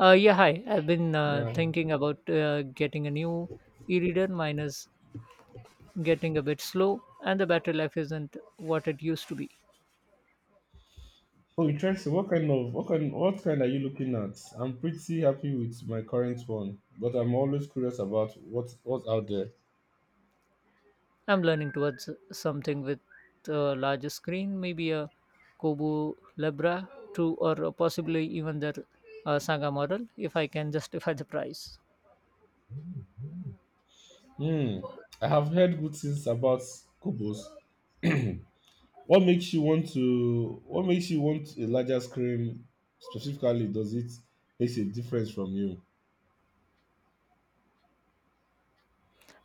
Yeah, Hi. I've been Yeah. thinking about getting a new e-reader. Mine is getting a bit slow, and the battery life isn't what it used to be. Oh, interesting. What kind of what kind are you looking at? I'm pretty happy with my current one, but I'm always curious about what's out there. I'm learning towards something with a larger screen, maybe a Kobo Libra 2, or possibly even their Saga model, if I can justify the price. Hmm. I have heard good things about Kubos. what makes you want to what makes you want a larger screen specifically? Does it makes a difference from you?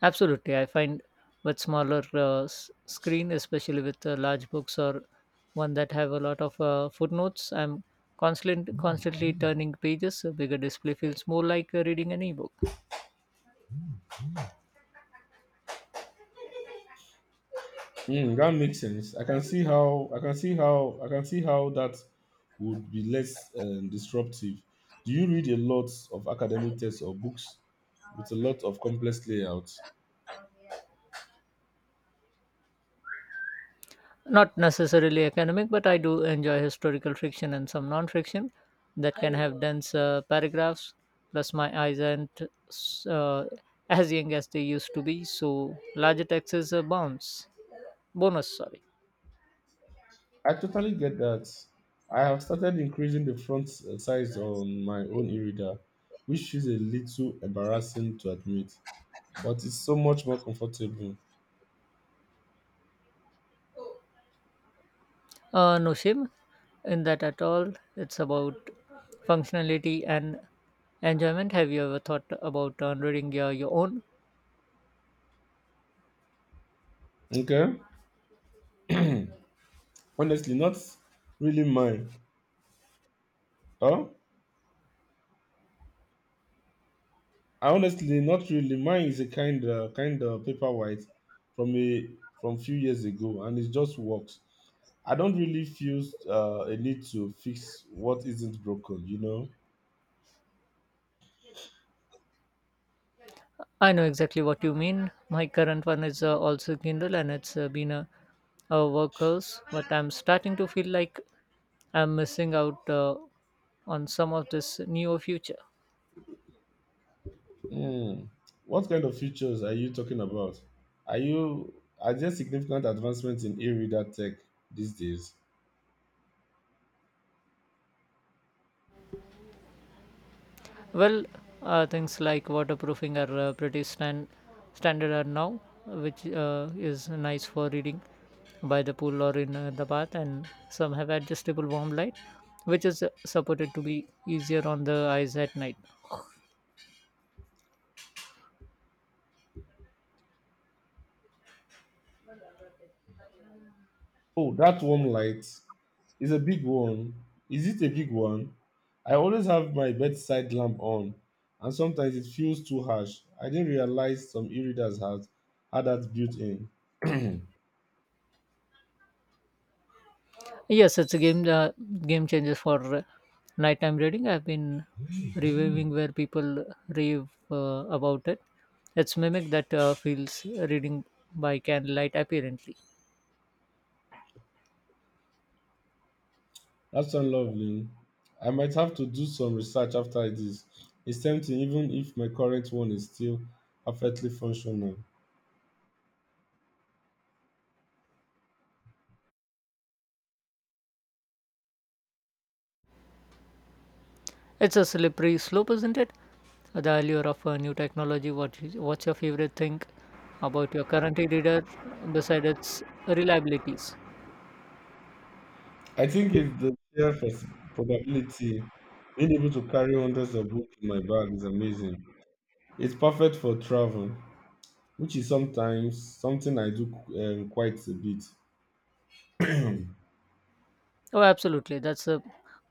Absolutely, I find with smaller screen, especially with large books or one that have a lot of footnotes, I'm constantly turning pages. A bigger display feels more like reading an ebook. Mm, that makes sense. I can see how I can see how I can see how that would be less disruptive. Do you read a lot of academic texts or books with a lot of complex layouts? Not necessarily academic, but I do enjoy historical fiction and some non-fiction that can have dense paragraphs. Plus, my eyes aren't s- uh, as young as they used to be, so larger text is a bounce bonus. Sorry. I totally get that. I have started increasing the font size on my own e-reader, which is a little embarrassing to admit, but it's so much more comfortable. No shame in that at all. It's about functionality and enjoyment. Have you ever thought about downloading your own? Okay, honestly, not really mine. Huh? Honestly, not really. Mine is a kind of paperwhite from a from few years ago, and it just works. I don't really feel a need to fix what isn't broken. You know. I know exactly what you mean. My current one is also Kindle and it's been a workhorse, but I'm starting to feel like I'm missing out on some of this newer future. Hmm. What kind of features are you talking about? Are you are there significant advancements in e-reader tech these days? Well, things like waterproofing are pretty standard are now, which is nice for reading by the pool or in the bath. And some have adjustable warm light, which is supported to be easier on the eyes at night. Oh, that warm light is a big one. Is it a big one? I always have my bedside lamp on, and sometimes it feels too harsh. I didn't realize some e-readers had that built in. Yes, it's a game changer for nighttime reading. I've been reviewing where people rave about it. It's mimic that feels reading by candlelight apparently. That sounds lovely. I might have to do some research after this. It's tempting, even if my current one is still perfectly functional. It's a slippery slope, isn't it? The allure of a new technology. What's your favorite thing about your current e-reader beside its reliabilities? I think it's the sheer probability being able to carry hundreds of books in my bag is amazing. It's perfect for travel, which is sometimes something I do quite a bit. Oh, absolutely. That's the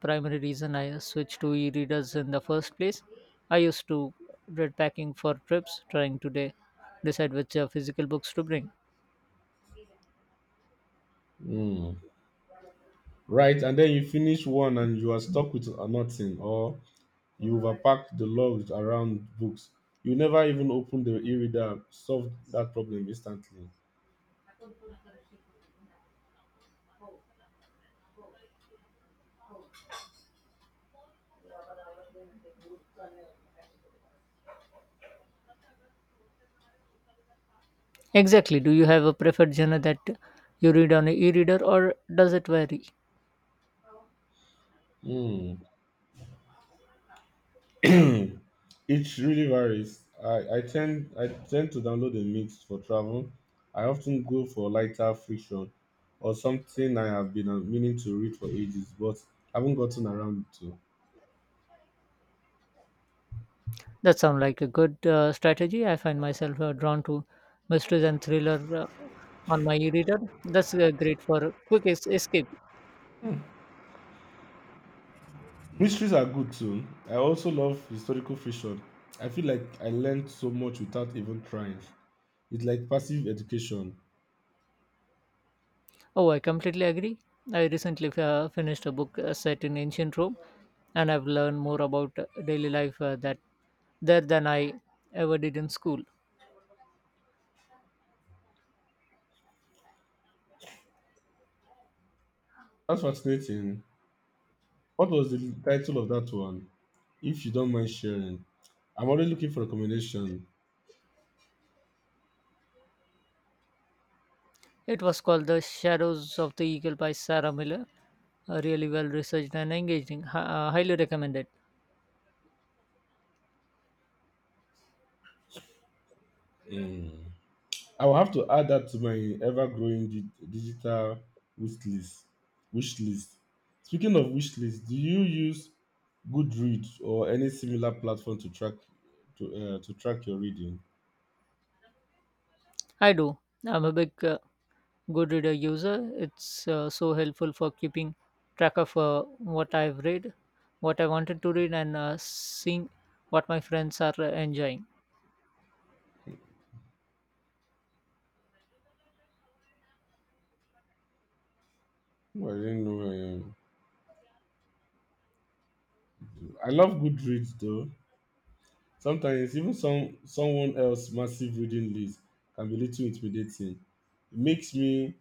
primary reason I switched to e-readers in the first place. I used to read packing for trips, trying to decide which physical books to bring. Mm. Right, and then you finish one and you are stuck with nothing, or you overpack the logs around books. You never even open the e-reader, solve that problem instantly. Exactly. Do you have a preferred genre that you read on an e e-reader, or does it vary? Mm. It really varies. I tend to download a mix for travel. I often go for lighter fiction or something I have been meaning to read for ages, but haven't gotten around to. That sounds like a good strategy. I find myself drawn to mysteries and thriller uh, on my e-reader. That's great for a quick escape. Mysteries are good too. I also love historical fiction. I feel like I learned so much without even trying. It's like passive education. Oh, I completely agree. I recently finished a book set in ancient Rome, and I've learned more about daily life that there than I ever did in school. That's fascinating. What was the title of that one? If you don't mind sharing, I'm always looking for recommendation. It was called The Shadows of the Eagle by Sarah Miller. Really well researched and engaging. Highly recommended. Mm. I will have to add that to my ever-growing digital wish list. Wish list. Speaking of wish list, do you use Goodreads or any similar platform to track your reading? I do. I'm a big Goodreader user. It's so helpful for keeping track of what I've read, what I wanted to read, and seeing what my friends are enjoying. Oh, I didn't know. I love Goodreads though. Sometimes even someone else's massive reading list can be little intimidating. It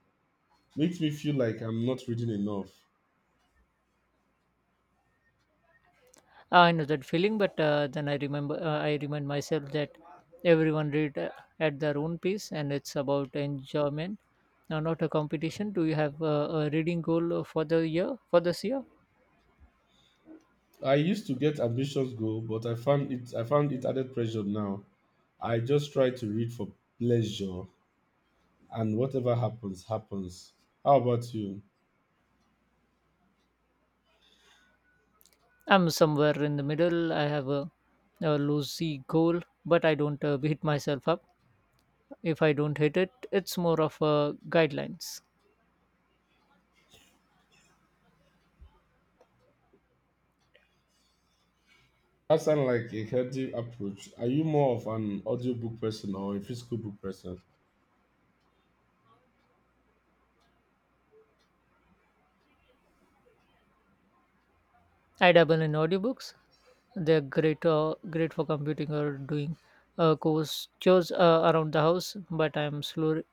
makes me feel like I'm not reading enough. Ah, I know that feeling, but then I remember I remind myself that everyone read at their own pace, and it's about enjoyment, not a competition. Do you have a reading goal for the year? For this year, I used to get ambitious goal, but I found it added pressure now. I just try to read for pleasure, and whatever happens, happens. How about you? I'm somewhere in the middle. I have a loosey goal, but I don't beat myself up. If I don't hit it, it's more of a guidelines. That sounds like a healthy approach. Are you more of an audiobook person or a physical book person? I dabble in audiobooks. They're great for computing or doing course chores around the house. But I'm slower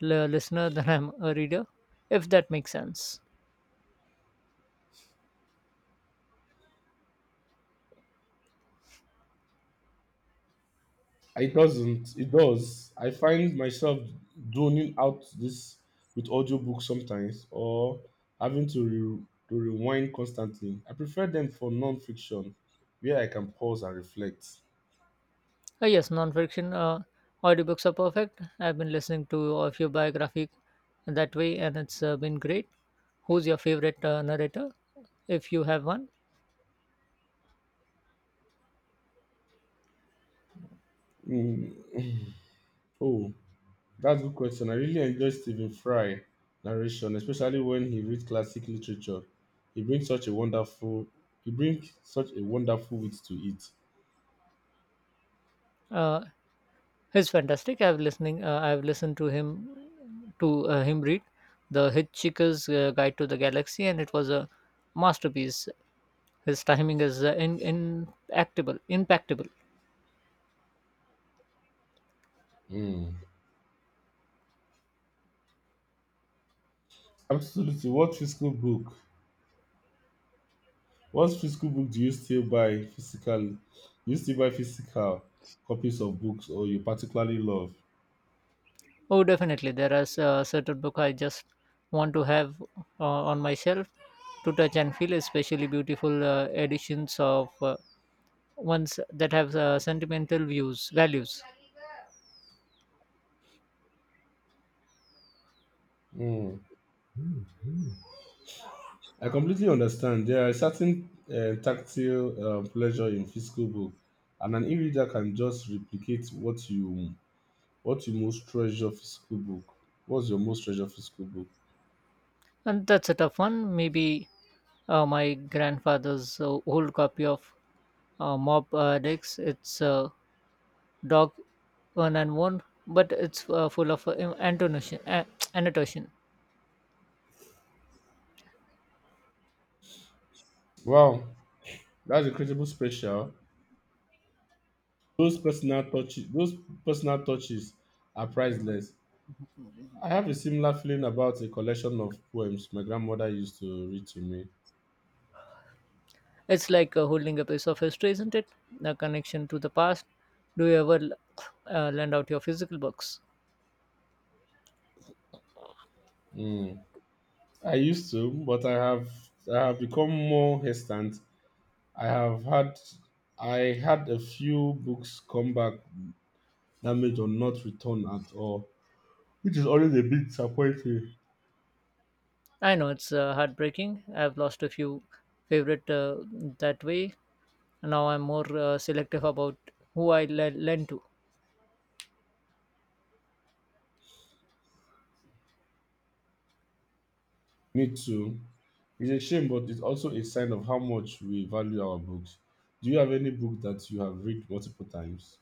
listener than I'm a reader, if that makes sense. It doesn't. It does. I find myself zoning out this with audiobooks sometimes or having to rewind constantly. I prefer them for non-fiction where I can pause and reflect. Yes, nonfiction audiobooks are perfect. I've been listening to a few biographic that way, and it's been great. Who's your favorite narrator, if you have one? Mm. Oh, that's a good question. I really enjoy Stephen Fry narration, especially when he reads classic literature. He brings such a wonderful he brings such a wonderful wit to it. Uh, He's fantastic. I've listening. I've listened to him read the Hitchhiker's Guide to the Galaxy, and it was a masterpiece. His timing is impactable. Mm. Absolutely. What physical book do you still buy physically? Do you still buy physical copies of books or you particularly love? Oh, definitely. There are certain book I just want to have on my shelf to touch and feel, especially beautiful editions of ones that have sentimental values. Hmm. I completely understand. There are certain tactile pleasure in physical book, and an e-reader can just replicate what you most treasure physical book. What's your most treasure physical book? And that's a tough one. Maybe my grandfather's old copy of Mob Dicks. It's Dog One and One, but it's full of annotation. Uh, annotation. Wow, that's incredible special. Those personal touches are priceless. I have a similar feeling about a collection of poems my grandmother used to read to me. It's like holding a piece of history, isn't it? A connection to the past. Do you ever lend out your physical books? Mm. I used to, but I have become more hesitant. I have had I had a few books come back damaged or not returned at all, which is always a bit disappointing. I know it's heartbreaking. I've lost a few favorite that way. Now I'm more selective about who I lend to. Me too. It's a shame, but it's also a sign of how much we value our books. Do you have any book that you have read multiple times?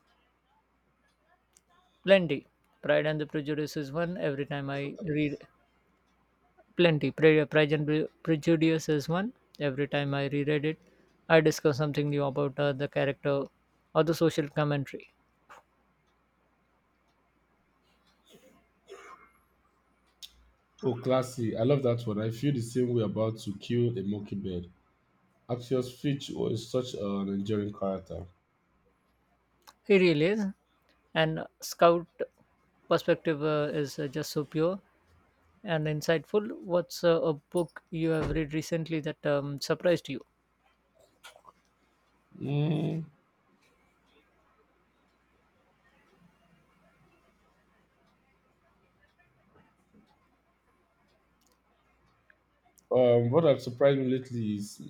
Plenty. Pride and the Prejudice is one. Every time I read Plenty. Pride and Prejudice is one. Every time I reread it, I discover something new about the character or the social commentary. Oh, classy. I love that one. I feel the same way about To Kill a Mockingbird. Axios Fitch was such an enduring character. He really is. And Scout perspective is just so pure and insightful. What's a book you have read recently that surprised you? Mm, what has surprised me lately is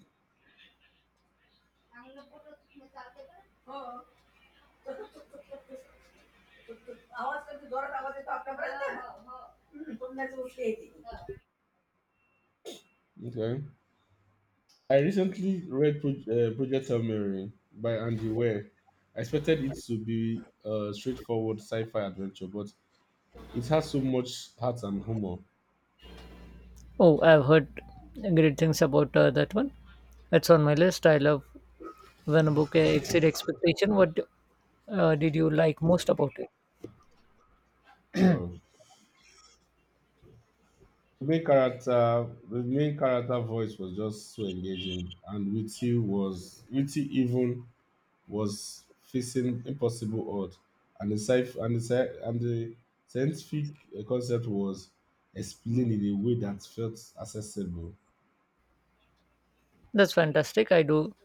okay. I recently read Project Hail Mary by Andy Weir. I expected it to be a straightforward sci-fi adventure, but it has so much heart and humor. Oh, I've heard great things about that one. It's on my list. I love when a book exceeded expectation, what did you like most about it? Uh, the main character, the main character voice was just so engaging, and witty was witty even was facing impossible odds, and the scientific concept was explained in a way that felt accessible. That's fantastic. I do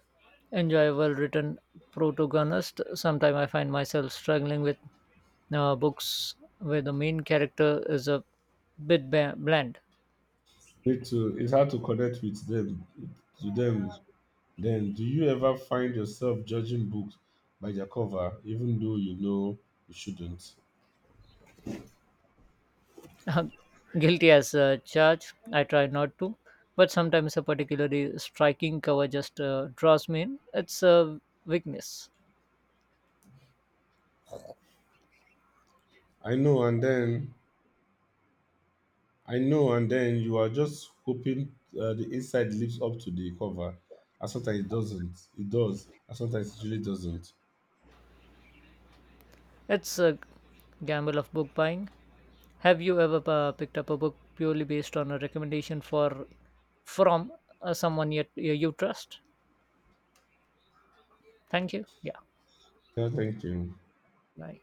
enjoy well-written protagonist. Sometimes I find myself struggling with books where the main character is a bit bland. It's hard to connect with them to them. Then, do you ever find yourself judging books by their cover, even though you know you shouldn't? Guilty as charged. I try not to, but sometimes a particularly striking cover just draws me in. It's a weakness. I know, and then I know, and then you are just hoping the inside lives up to the cover, and sometimes it doesn't. It does, and sometimes it really doesn't. It's a gamble of book buying. Have you ever picked up a book purely based on a recommendation for from someone yet you trust? Thank you. Yeah. Yeah, thank you. Bye.